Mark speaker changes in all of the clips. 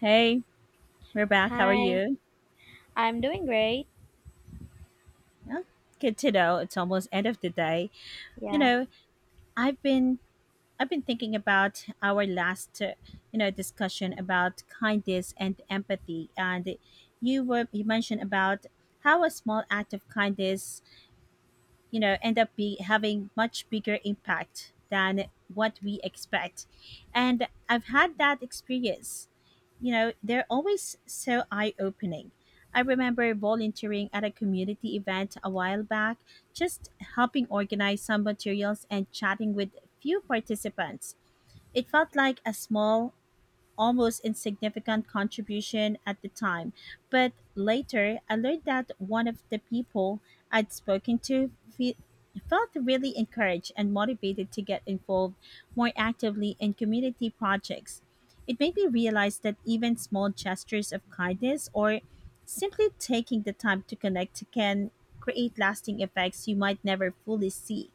Speaker 1: Hey, we're back. How are
Speaker 2: Hi,
Speaker 1: you?
Speaker 2: I'm doing great.
Speaker 1: Yeah, good to know. It's almost end of the day. You
Speaker 2: Yeah.
Speaker 1: know, I've been I've been thinking about our last discussion about kindness and empathy, and you mentioned about how a small act of kindness end up be having much bigger impact than what we expect, and I've had that experience. You know they're always so eye-opening. I remember volunteering at a community event a while back, just helping organize some materials and chatting with few participants. It felt like a small, almost insignificant contribution at the time, but later I learned that one of the people I'd spoken to felt really encouraged and motivated to get involved more actively in community projects. It made me realize that even small gestures of kindness or simply taking the time to connect can create lasting effects you might never fully see.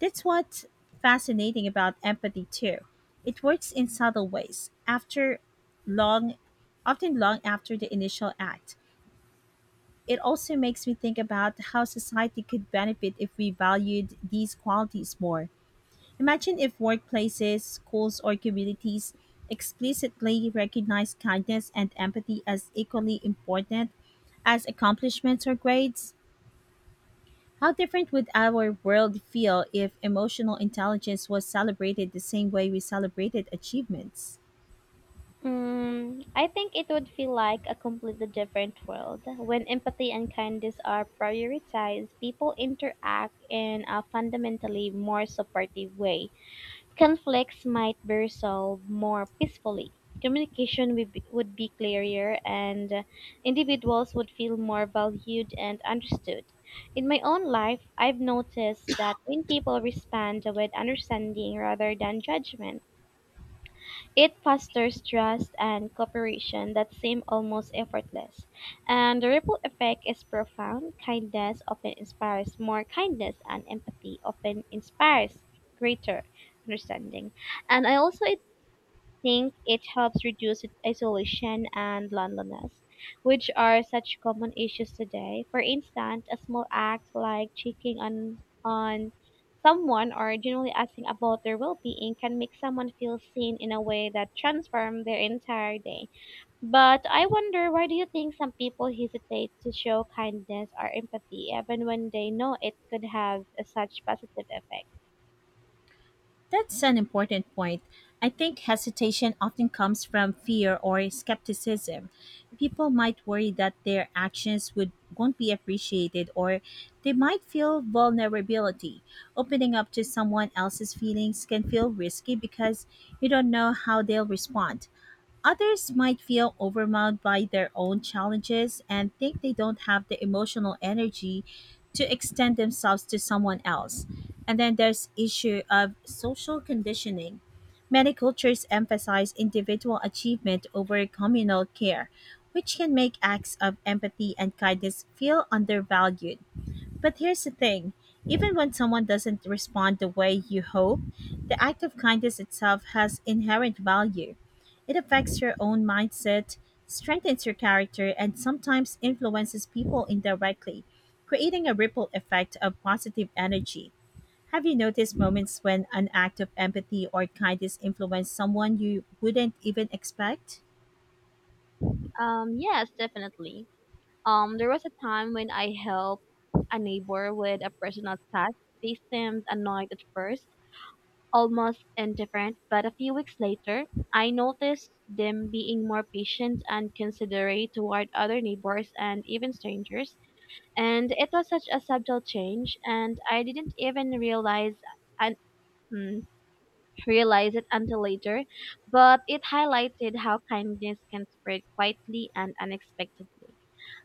Speaker 1: That's what's fascinating about empathy too. It works in subtle ways. After long often long after the initial act. It also makes me think about how society could benefit if we valued these qualities more. Imagine if workplaces, schools, or communities explicitly recognized kindness and empathy as equally important as accomplishments or grades. How different would our world feel if emotional intelligence was celebrated the same way we celebrated achievements?
Speaker 2: I think it would feel like a completely different world. When empathy and kindness are prioritized, people interact in a fundamentally more supportive way. Conflicts might be resolved more peacefully. Communication would be clearer, and individuals would feel more valued and understood. In my own life, I've noticed that when people respond with understanding rather than judgment, it fosters trust and cooperation that seem almost effortless, and the ripple effect is profound. Kindness often inspires more kindness, and empathy often inspires greater understanding. And I also think it helps reduce isolation and loneliness, which are such common issues today. For instance, a small act like checking on someone or generally asking about their well-being can make someone feel seen in a way that transforms their entire day. But I wonder, why do you think some people hesitate to show kindness or empathy even when they know it could have a such positive effect?
Speaker 1: That's an important point. I think hesitation often comes from fear or skepticism. People might worry that their actions would won't be appreciated, or they might feel vulnerability. Opening up to someone else's feelings can feel risky because you don't know how they'll respond. Others might feel overwhelmed by their own challenges and think they don't have the emotional energy to extend themselves to someone else. And then there's issue of social conditioning. Many cultures emphasize individual achievement over communal care, which can make acts of empathy and kindness feel undervalued. But here's the thing, even when someone doesn't respond the way you hope, the act of kindness itself has inherent value. It affects your own mindset, strengthens your character, and sometimes influences people indirectly, creating a ripple effect of positive energy. Have you noticed moments when an act of empathy or kindness influenced someone you wouldn't even expect?
Speaker 2: Yes, definitely. There was a time when I helped a neighbor with a personal task. They seemed annoyed at first, almost indifferent, but a few weeks later, I noticed them being more patient and considerate toward other neighbors and even strangers. And it was such a subtle change, and I didn't even realize and mm, it until later, but it highlighted how kindness can spread quietly and unexpectedly.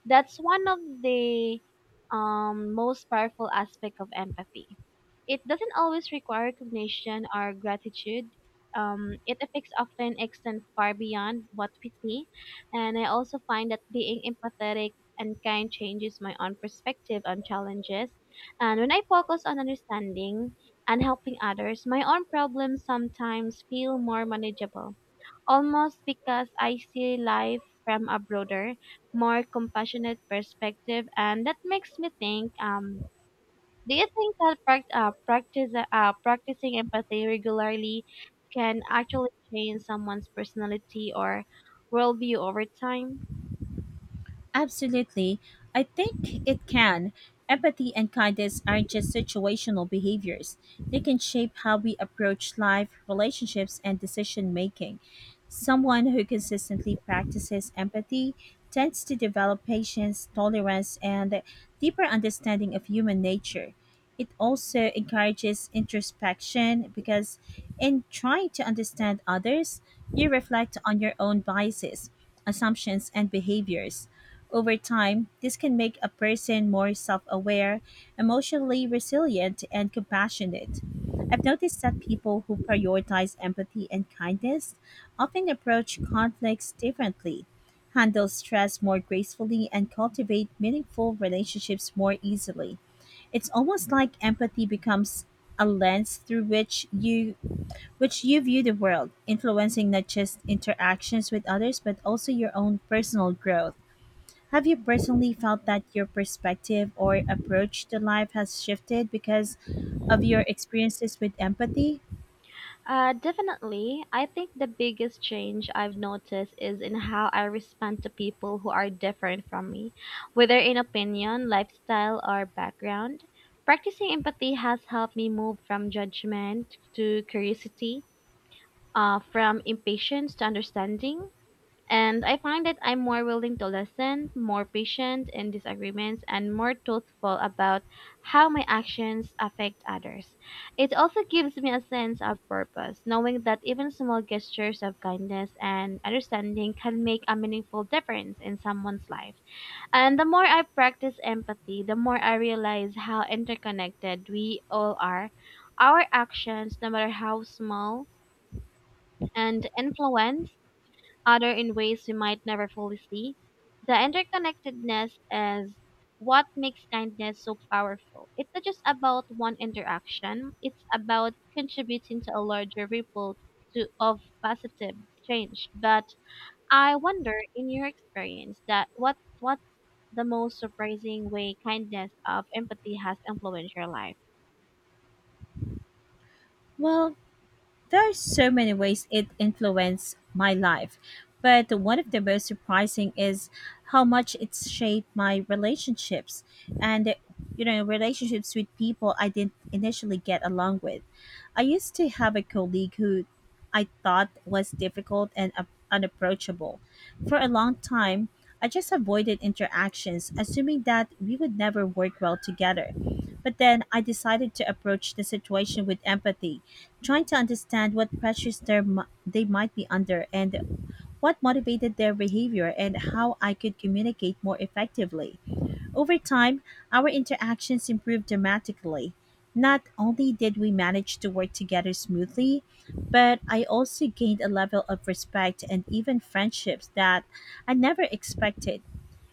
Speaker 2: That's one of the most powerful aspect of empathy. It doesn't always require recognition or gratitude. It affects often extend far beyond what we see. And I also find that being empathetic and kind changes my own perspective on challenges. And when I focus on understanding and helping others, my own problems sometimes feel more manageable almost because I see life from a broader, more compassionate perspective, and that makes me think. Do you think that prac- practice practicing empathy regularly can actually change someone's personality or worldview over time?
Speaker 1: Absolutely. I think it can. Empathy and kindness aren't just situational behaviors, they can shape how we approach life, relationships, and decision making. Someone who consistently practices empathy tends to develop patience, tolerance, and a deeper understanding of human nature. It also encourages introspection because, in trying to understand others, you reflect on your own biases, assumptions, and behaviors. Over time, this can make a person more self aware, emotionally resilient, and compassionate. I've noticed that people who prioritize empathy and kindness often approach conflicts differently, handle stress more gracefully, and cultivate meaningful relationships more easily. It's almost like empathy becomes a lens through which you view the world, influencing not just interactions with others but also your own personal growth. Have you personally felt that your perspective or approach to life has shifted because of your experiences with empathy?
Speaker 2: Definitely. I think the biggest change I've noticed is in how I respond to people who are different from me, whether in opinion, lifestyle, or background. Practicing empathy has helped me move from judgment to curiosity, from impatience to understanding. And I find that I'm more willing to listen, more patient in disagreements, and more truthful about how my actions affect others. It also gives me a sense of purpose, knowing that even small gestures of kindness and understanding can make a meaningful difference in someone's life. And the more I practice empathy, the more I realize how interconnected we all are. Our actions, no matter how small, and influence other in ways we might never fully see. The interconnectedness is what makes kindness so powerful. It's not just about one interaction, it's about contributing to a larger ripple of positive change. But I wonder, in your experience, that what's the most surprising way kindness of empathy has influenced your life?
Speaker 1: Well, there are so many ways it influenced my life, but one of the most surprising is how much it's shaped my relationships and relationships with people I didn't initially get along with. I used to have a colleague who I thought was difficult and unapproachable. For a long time, I just avoided interactions, assuming that we would never work well together. But then I decided to approach the situation with empathy, trying to understand what pressures they might be under, and what motivated their behavior, and how I could communicate more effectively. Over time, our interactions improved dramatically. Not only did we manage to work together smoothly, but I also gained a level of respect and even friendships that I never expected.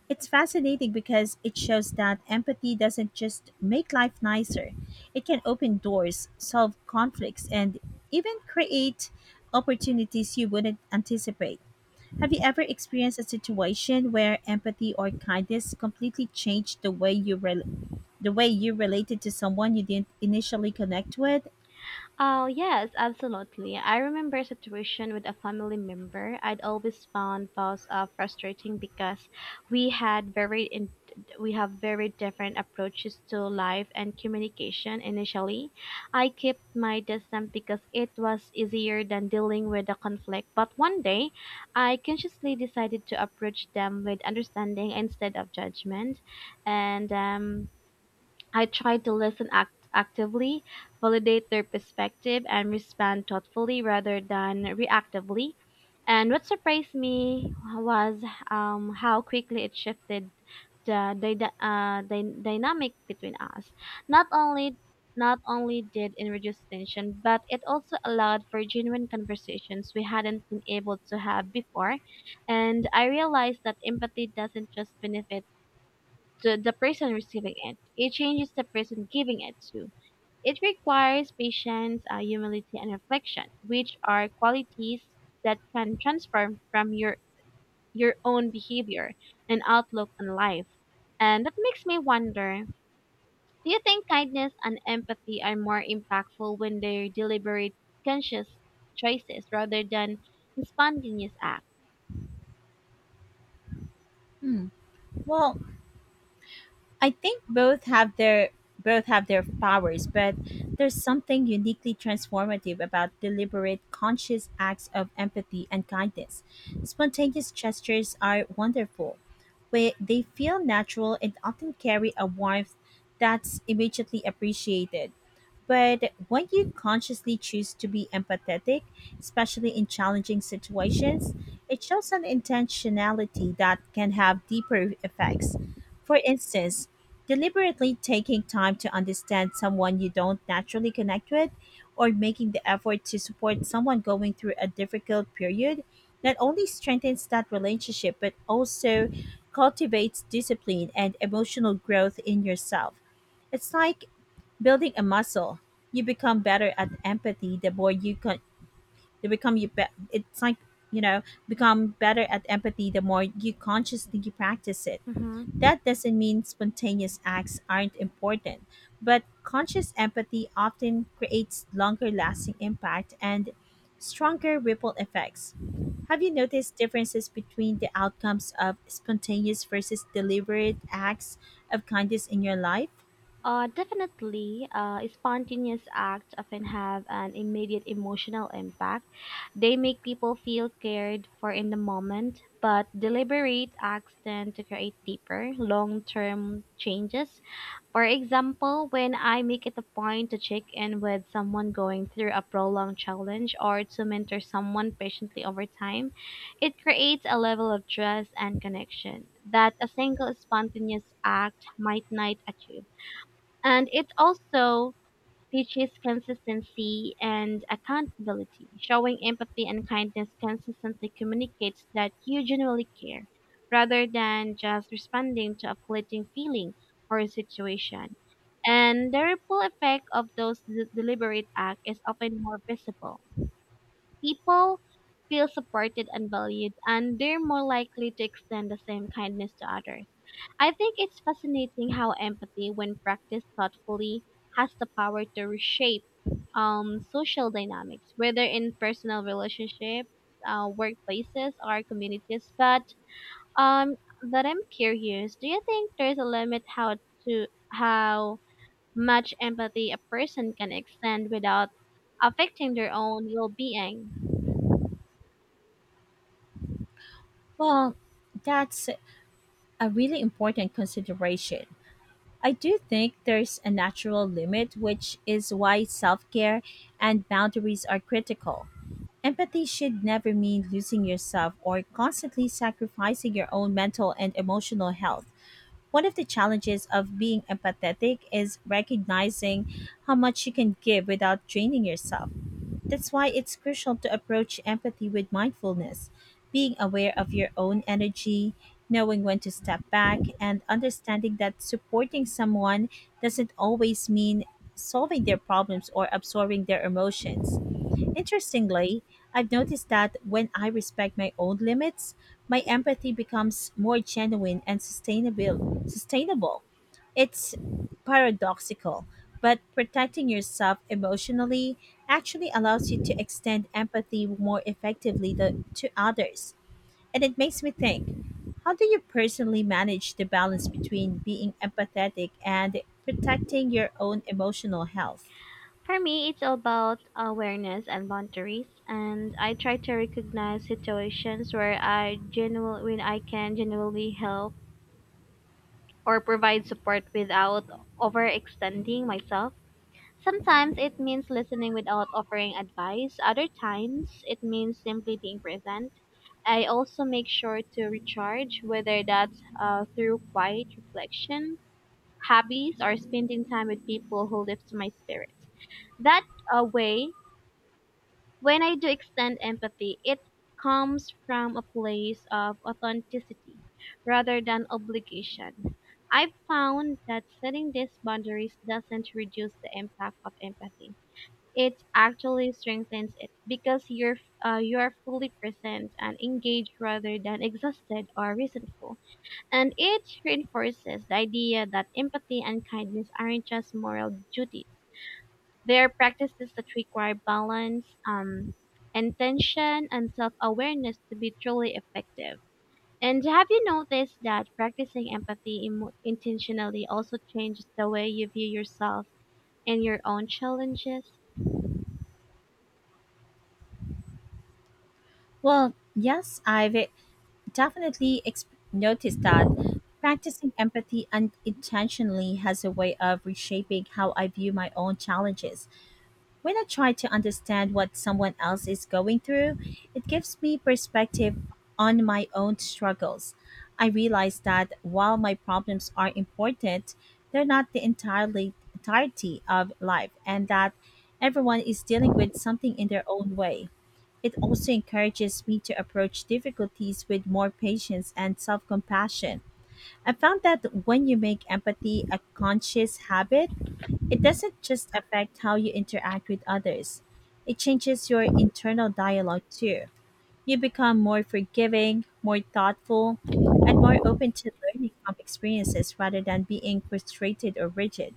Speaker 1: It's fascinating because it shows that empathy doesn't just make life nicer, it can open doors, solve conflicts, and even create opportunities you wouldn't anticipate. Have you ever experienced a situation where empathy or kindness completely changed the way you related to someone you didn't initially connect with?
Speaker 2: Oh, yes, absolutely. I remember a situation with a family member I'd always found was frustrating because we had very in- we have very different approaches to life and communication initially. I kept my distance because it was easier than dealing with the conflict, but one day I consciously decided to approach them with understanding instead of judgment. And I try to listen actively, validate their perspective, and respond thoughtfully rather than reactively. And what surprised me was how quickly it shifted the dynamic between us. Not only not only did it reduce tension, but it also allowed for genuine conversations we hadn't been able to have before. And I realized that empathy doesn't just benefit to the person receiving it. It changes the person giving it to. It requires patience, humility, and reflection, which are qualities that can transform from your own behavior and outlook on life. And that makes me wonder: do you think kindness and empathy are more impactful when they're deliberate, conscious choices rather than spontaneous acts?
Speaker 1: Hmm. Well, I think both have their powers, but there's something uniquely transformative about deliberate, conscious acts of empathy and kindness. Spontaneous gestures are wonderful, where they feel natural and often carry a warmth that's immediately appreciated. But when you consciously choose to be empathetic, especially in challenging situations, it shows an intentionality that can have deeper effects. For instance, deliberately taking time to understand someone you don't naturally connect with, or making the effort to support someone going through a difficult period, not only strengthens that relationship, but also cultivates discipline and emotional growth in yourself. It's like building a muscle. You become better at empathy the more you con- you become you be- It's like become better at empathy the more you consciously practice it.
Speaker 2: Hmm.
Speaker 1: That doesn't mean spontaneous acts aren't important, but conscious empathy often creates longer lasting impact and stronger ripple effects. Have you noticed differences between the outcomes of spontaneous versus deliberate acts of kindness in your life?
Speaker 2: Spontaneous acts often have an immediate emotional impact. They make people feel cared for in the moment, but deliberate acts tend to create deeper, long term changes. For example, when I make it a point to check in with someone going through a prolonged challenge or to mentor someone patiently over time, it creates a level of trust and connection that a single spontaneous act might not achieve. And it also teaches consistency and accountability. Showing empathy and kindness consistently communicates that you genuinely care, rather than just responding to a fleeting feeling or situation. And the ripple effect of those deliberate acts is often more visible. People feel supported and valued, and they're more likely to extend the same kindness to others. I think it's fascinating how empathy, when practiced thoughtfully, has the power to reshape social dynamics, whether in personal relationships, workplaces, or communities. Um, but I'm curious. Do you think there's a limit how to how much empathy a person can extend without affecting their own well-being?
Speaker 1: Well, that's a really important consideration. I do think there's a natural limit, which is why self care and boundaries are critical. Empathy should never mean losing yourself or constantly sacrificing your own mental and emotional health. One of the challenges of being empathetic is recognizing how much you can give without draining yourself. That's why it's crucial to approach empathy with mindfulness, being aware of your own energy, knowing when to step back, and understanding that supporting someone doesn't always mean solving their problems or absorbing their emotions. Interestingly, I've noticed that when I respect my own limits, my empathy becomes more genuine and sustainable. Sustainable. It's paradoxical, but protecting yourself emotionally actually allows you to extend empathy more effectively to others. And it makes me think, how do you personally manage the balance between being empathetic and protecting your own emotional health?
Speaker 2: For me, it's all about awareness and boundaries, and I try to recognize situations where I genuinely, when I can genuinely help or provide support without overextending myself. Sometimes it means listening without offering advice. Other times it means simply being present. I also make sure to recharge, whether that's through quiet reflection, hobbies, or spending time with people who lift my spirits. That way, when I do extend empathy, it comes from a place of authenticity rather than obligation. I've found that setting these boundaries doesn't reduce the impact of empathy. It actually strengthens it because you're fully present and engaged rather than exhausted or resentful. And it reinforces the idea that empathy and kindness aren't just moral duties; they are practices that require balance, intention, and self-awareness to be truly effective. And have you noticed that practicing empathy emo intentionally also changes the way you view yourself and your own challenges?
Speaker 1: Well, yes, I've definitely ex- noticed that practicing empathy unintentionally has a way of reshaping how I view my own challenges. When I try to understand what someone else is going through, it gives me perspective on my own struggles. I realize that while my problems are important, they're not the entirely entirety of life, and that everyone is dealing with something in their own way. It also encourages me to approach difficulties with more patience and self-compassion. I found that when you make empathy a conscious habit, it doesn't just affect how you interact with others, it changes your internal dialogue too. You become more forgiving, more thoughtful, and more open to learning from experiences rather than being frustrated or rigid.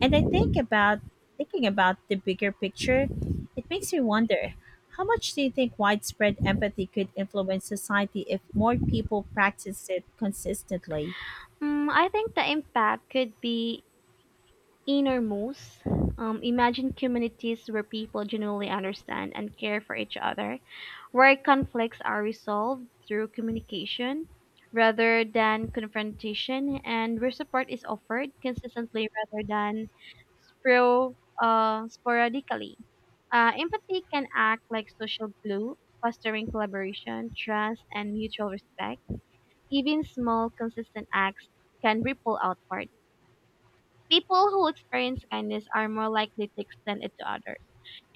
Speaker 1: And I think about Thinking about the bigger picture, it makes me wonder, how much do you think widespread empathy could influence society if more people practice it consistently?
Speaker 2: Mm, I think the impact could be innermost. Imagine communities where people genuinely understand and care for each other, where conflicts are resolved through communication rather than confrontation, and where support is offered consistently rather than spro- sporadically. Empathy can act like social glue, fostering collaboration, trust, and mutual respect. Even small, consistent acts can ripple outward. People who experience kindness are more likely to extend it to others,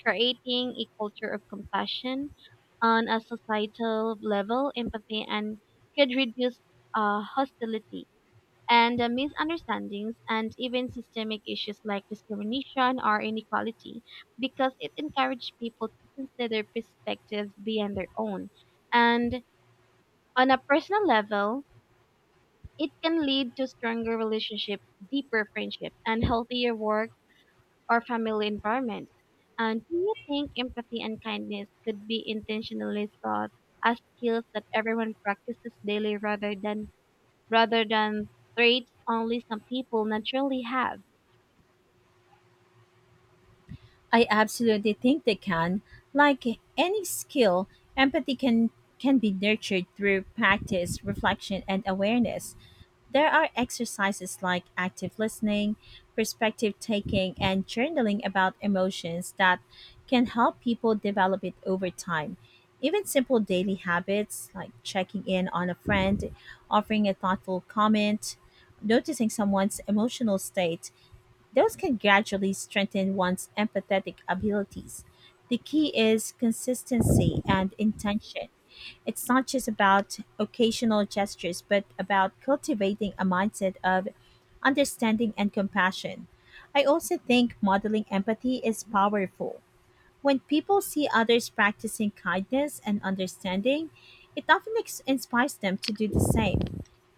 Speaker 2: creating a culture of compassion. On a societal level, empathy and could reduce hostility and misunderstandings and even systemic issues like discrimination or inequality because it encourages people to consider perspectives beyond their own. And on a personal level, it can lead to stronger relationship, deeper friendship, and healthier work or family environments. And do you think empathy and kindness could be intentionally taught as skills that everyone practices daily rather than rather than traits only some people naturally have?
Speaker 1: I absolutely think they can. Like any skill, empathy can be nurtured through practice, reflection, and awareness. There are exercises like active listening, perspective taking, and journaling about emotions that can help people develop it over time. Even simple daily habits like checking in on a friend, offering a thoughtful comment, noticing someone's emotional state, those can gradually strengthen one's empathetic abilities. The key is consistency and intention. It's not just about occasional gestures, but about cultivating a mindset of understanding and compassion. I also think modeling empathy is powerful. When people see others practicing kindness and understanding, it often inspires them to do the same.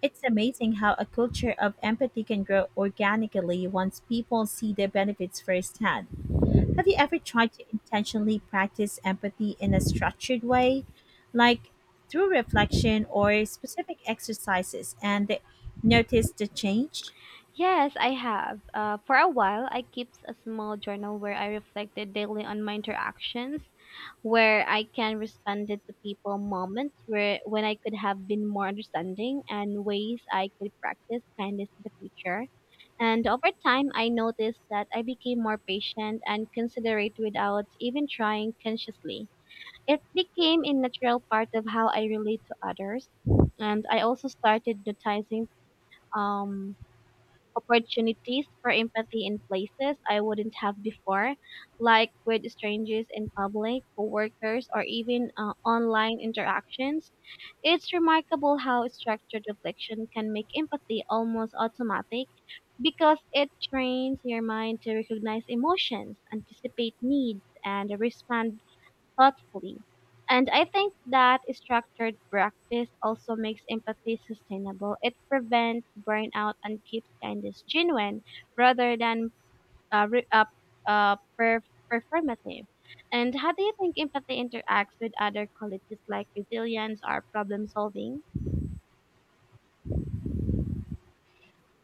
Speaker 1: It's amazing how a culture of empathy can grow organically once people see the benefits firsthand. Have you ever tried to intentionally practice empathy in a structured way, like through reflection or specific exercises, and noticed the change?
Speaker 2: Yes, I have. For a while, I kept a small journal where I reflected daily on my interactions, where I can responded to people, moments where when I could have been more understanding, and ways I could practice kindness in the future. And over time, I noticed that I became more patient and considerate without even trying consciously. It became a natural part of how I relate to others, and I also started noticing um opportunities for empathy in places I wouldn't have before, like with strangers in public, coworkers, or even online interactions. It's remarkable how structured reflection can make empathy almost automatic because it trains your mind to recognize emotions, anticipate needs, and respond thoughtfully. And I think that structured practice also makes empathy sustainable. It prevents burnout and keeps kindness genuine rather than uh, re- uh, uh, per- performative. And how do you think empathy interacts with other qualities like resilience or problem solving?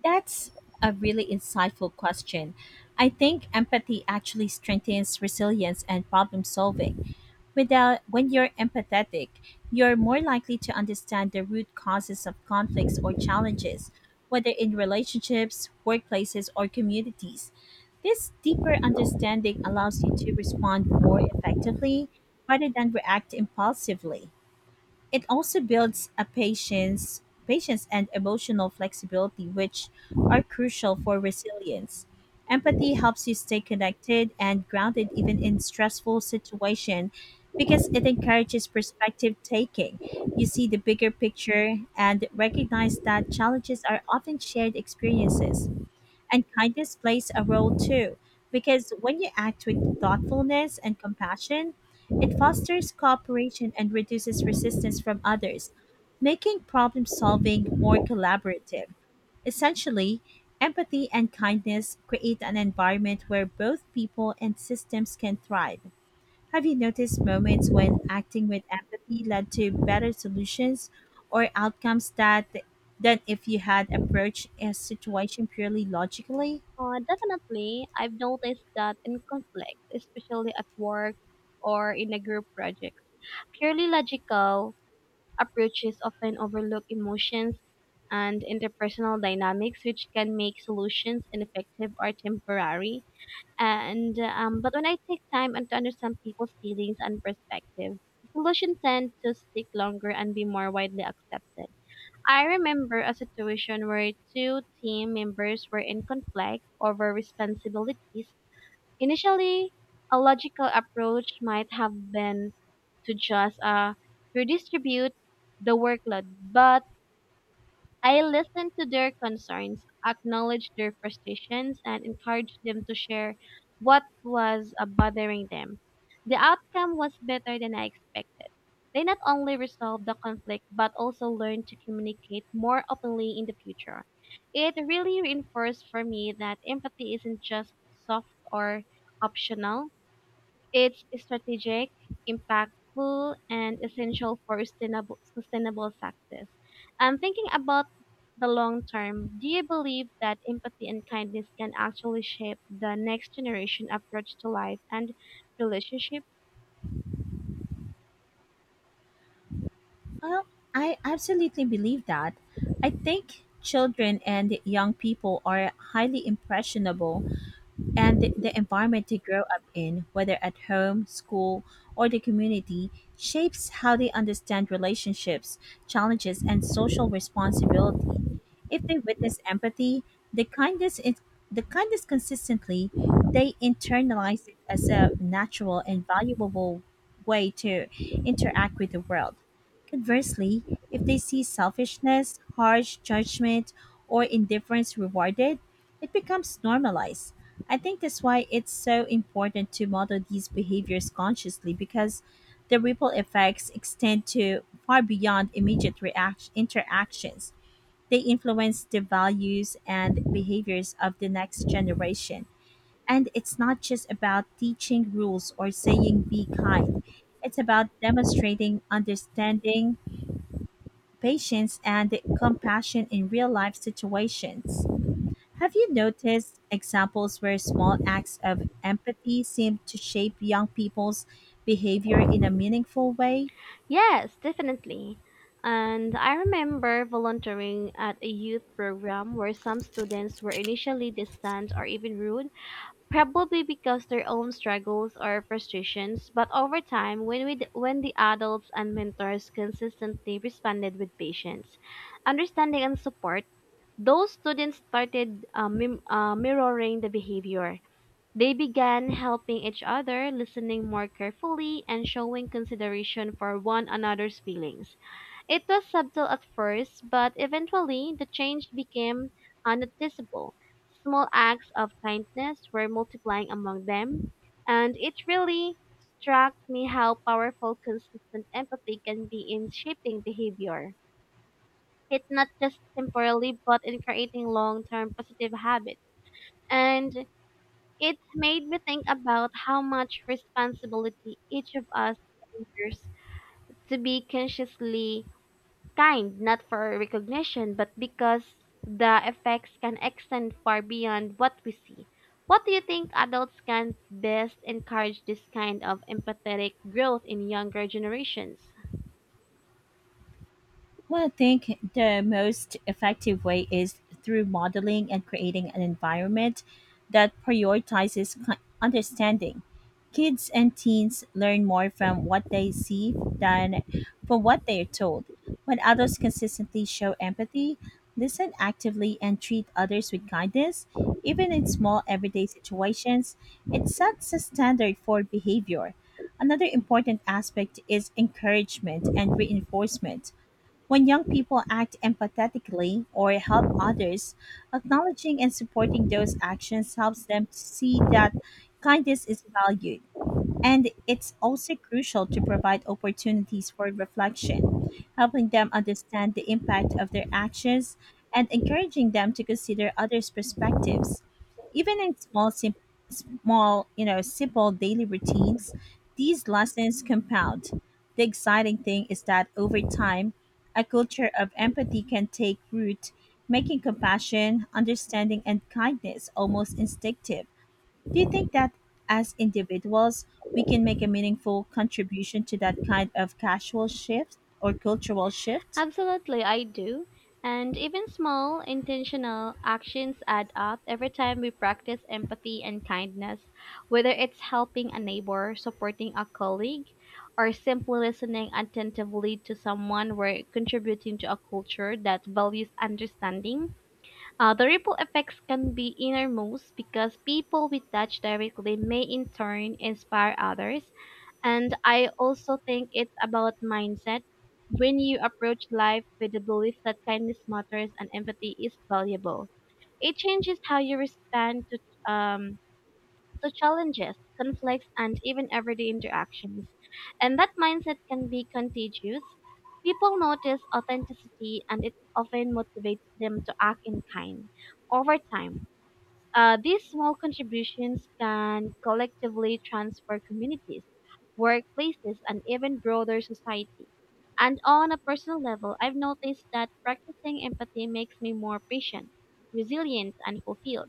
Speaker 1: That's a really insightful question. I think empathy actually strengthens resilience and problem solving. Without, When you're empathetic, you're more likely to understand the root causes of conflicts or challenges, whether in relationships, workplaces, or communities. This deeper understanding allows you to respond more effectively rather than react impulsively. It also builds patience and emotional flexibility, which are crucial for resilience. Empathy helps you stay connected and grounded even in stressful situation because it encourages perspective taking. You see the bigger picture and recognize that challenges are often shared experiences. And kindness plays a role too, because when you act with thoughtfulness and compassion, it fosters cooperation and reduces resistance from others, making problem solving more collaborative. Essentially, empathy and kindness create an environment where both people and systems can thrive. Have you noticed moments when acting with empathy led to better solutions or outcomes that than if you had approached a situation purely logically?
Speaker 2: Definitely, I've noticed that in conflict, especially at work or in a group project, purely logical approaches often overlook emotions and interpersonal dynamics, which can make solutions ineffective or temporary. And but when I take time and to understand people's feelings and perspective, solutions tend to stick longer and be more widely accepted. I remember a situation where two team members were in conflict over responsibilities. Initially, a logical approach might have been to just redistribute the workload, but I listened to their concerns, acknowledged their frustrations, and encouraged them to share what was bothering them. The outcome was better than I expected. They not only resolved the conflict but also learned to communicate more openly in the future. It really reinforced for me that empathy isn't just soft or optional; it's strategic, impactful, and essential for sustainable success. I'm thinking about the long term. Do you believe that empathy and kindness can actually shape the next generation approach to life and relationship?
Speaker 1: Well, I absolutely believe that. I think children and young people are highly impressionable, and the environment they grow up in, whether at home, school, or the community, shapes how they understand relationships, challenges, and social responsibility. If they witness empathy, the kindness is the kindness consistently, they internalize it as a natural and valuable way to interact with the world. Conversely, if they see selfishness, harsh judgment, or indifference rewarded, it becomes normalized. I think that's why it's so important to model these behaviors consciously, because the ripple effects extend to far beyond immediate interactions. They influence the values and behaviors of the next generation. And it's not just about teaching rules or saying be kind. It's about demonstrating understanding, patience, and compassion in real life situations. Have you noticed examples where small acts of empathy seem to shape young people's behavior in a meaningful way?
Speaker 2: Yes, definitely. And I remember volunteering at a youth program where some students were initially distant or even rude, probably because their own struggles or frustrations, but over time, when the adults and mentors consistently responded with patience, understanding, and support, those students started mirroring the behavior. They began helping each other, listening more carefully, and showing consideration for one another's feelings. It was subtle at first, but eventually the change became noticeable. Small acts of kindness were multiplying among them, and it really struck me how powerful consistent empathy can be in shaping behavior. It's not just temporarily, but in creating long-term positive habits. And it made me think about how much responsibility each of us bears to be consciously kind, not for recognition, but because the effects can extend far beyond what we see. What do you think adults can best encourage this kind of empathetic growth in younger generations?
Speaker 1: Well, I think the most effective way is through modeling and creating an environment that prioritizes understanding. Kids and teens learn more from what they see than from what they are told. When adults consistently show empathy, listen actively, and treat others with kindness, even in small everyday situations, it sets a standard for behavior. Another important aspect is encouragement and reinforcement. When young people act empathetically or help others, acknowledging and supporting those actions helps them see that kindness is valued. And it's also crucial to provide opportunities for reflection, helping them understand the impact of their actions and encouraging them to consider others' perspectives. Even in small, simple daily routines, these lessons compound. The exciting thing is that over time, a culture of empathy can take root, making compassion, understanding, and kindness almost instinctive. Do you think that as individuals, we can make a meaningful contribution to that kind of casual shift or cultural shift?
Speaker 2: Absolutely, I do. And even small, intentional actions add up. Every time we practice empathy and kindness, whether it's helping a neighbor, supporting a colleague, or simply listening attentively to someone, we're contributing to a culture that values understanding. The ripple effects can be enormous because people we touch directly may in turn inspire others, and I also think it's about mindset. When you approach life with the belief that kindness matters and empathy is valuable, it changes how you respond um to challenges, conflicts, and even everyday interactions. And that mindset can be contagious. People notice authenticity, and it often motivates them to act in kind over time. These small contributions can collectively transfer communities, workplaces, and even broader society. And on a personal level, I've noticed that practicing empathy makes me more patient, resilient, and fulfilled.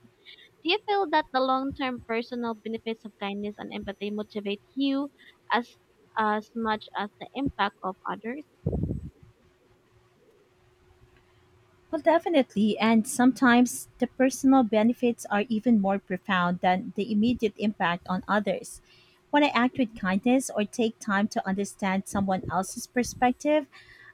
Speaker 2: Do you feel that the long-term personal benefits of kindness and empathy motivate you as as much as the impact of others?
Speaker 1: Well, definitely. And sometimes the personal benefits are even more profound than the immediate impact on others. When I act with kindness or take time to understand someone else's perspective,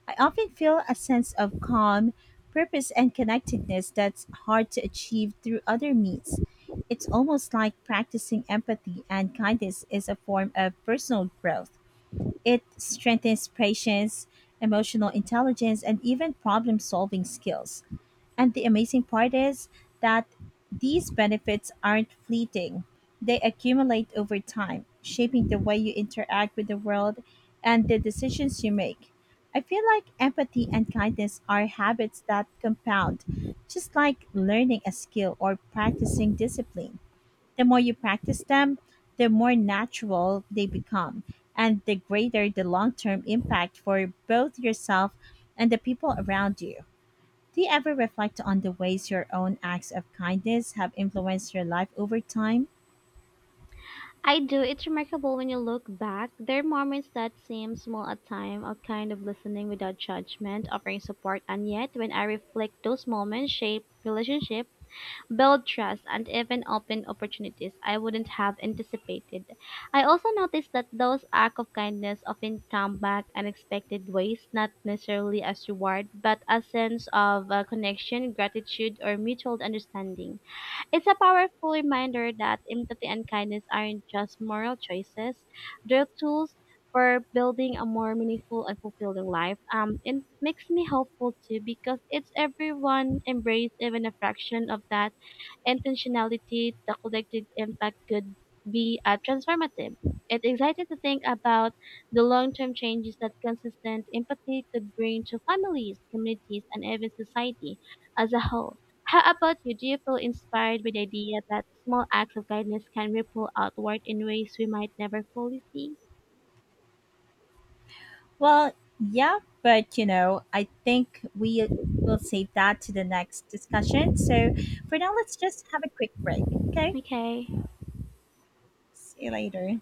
Speaker 1: I often feel a sense of calm, purpose, and connectedness that's hard to achieve through other means. It's almost like practicing empathy and kindness is a form of personal growth. It strengthens patience, emotional intelligence, and even problem solving skills. And the amazing part is that these benefits aren't fleeting, they accumulate over time, shaping the way you interact with the world and the decisions you make. I feel like empathy and kindness are habits that compound, just like learning a skill or practicing discipline. The more you practice them, the more natural they become, and the greater the long term impact for both yourself and the people around you. Do you ever reflect on the ways your own acts of kindness have influenced your life over time?
Speaker 2: I do. It's remarkable when you look back. There are moments that seem small at time, of kind of listening without judgment, offering support, and yet when I reflect, those moments shape relationship, build trust, and even open opportunities I wouldn't have anticipated. I also noticed that those acts of kindness often come back unexpected ways, not necessarily as reward, but a sense of connection, gratitude, or mutual understanding. It's a powerful reminder that empathy and kindness aren't just moral choices, they're tools for building a more meaningful and fulfilling life. It makes me hopeful too because it's everyone embrace even a fraction of that intentionality, the collective impact could be transformative. It's exciting to think about the long-term changes that consistent empathy could bring to families, communities, and even society as a whole. How about you? Do you feel inspired by the idea that small acts of kindness can ripple outward in ways we might never fully see?
Speaker 1: Well, yeah, but I think we will save that to the next discussion. So for now, let's just have a quick break. Okay.
Speaker 2: Okay.
Speaker 1: See you later.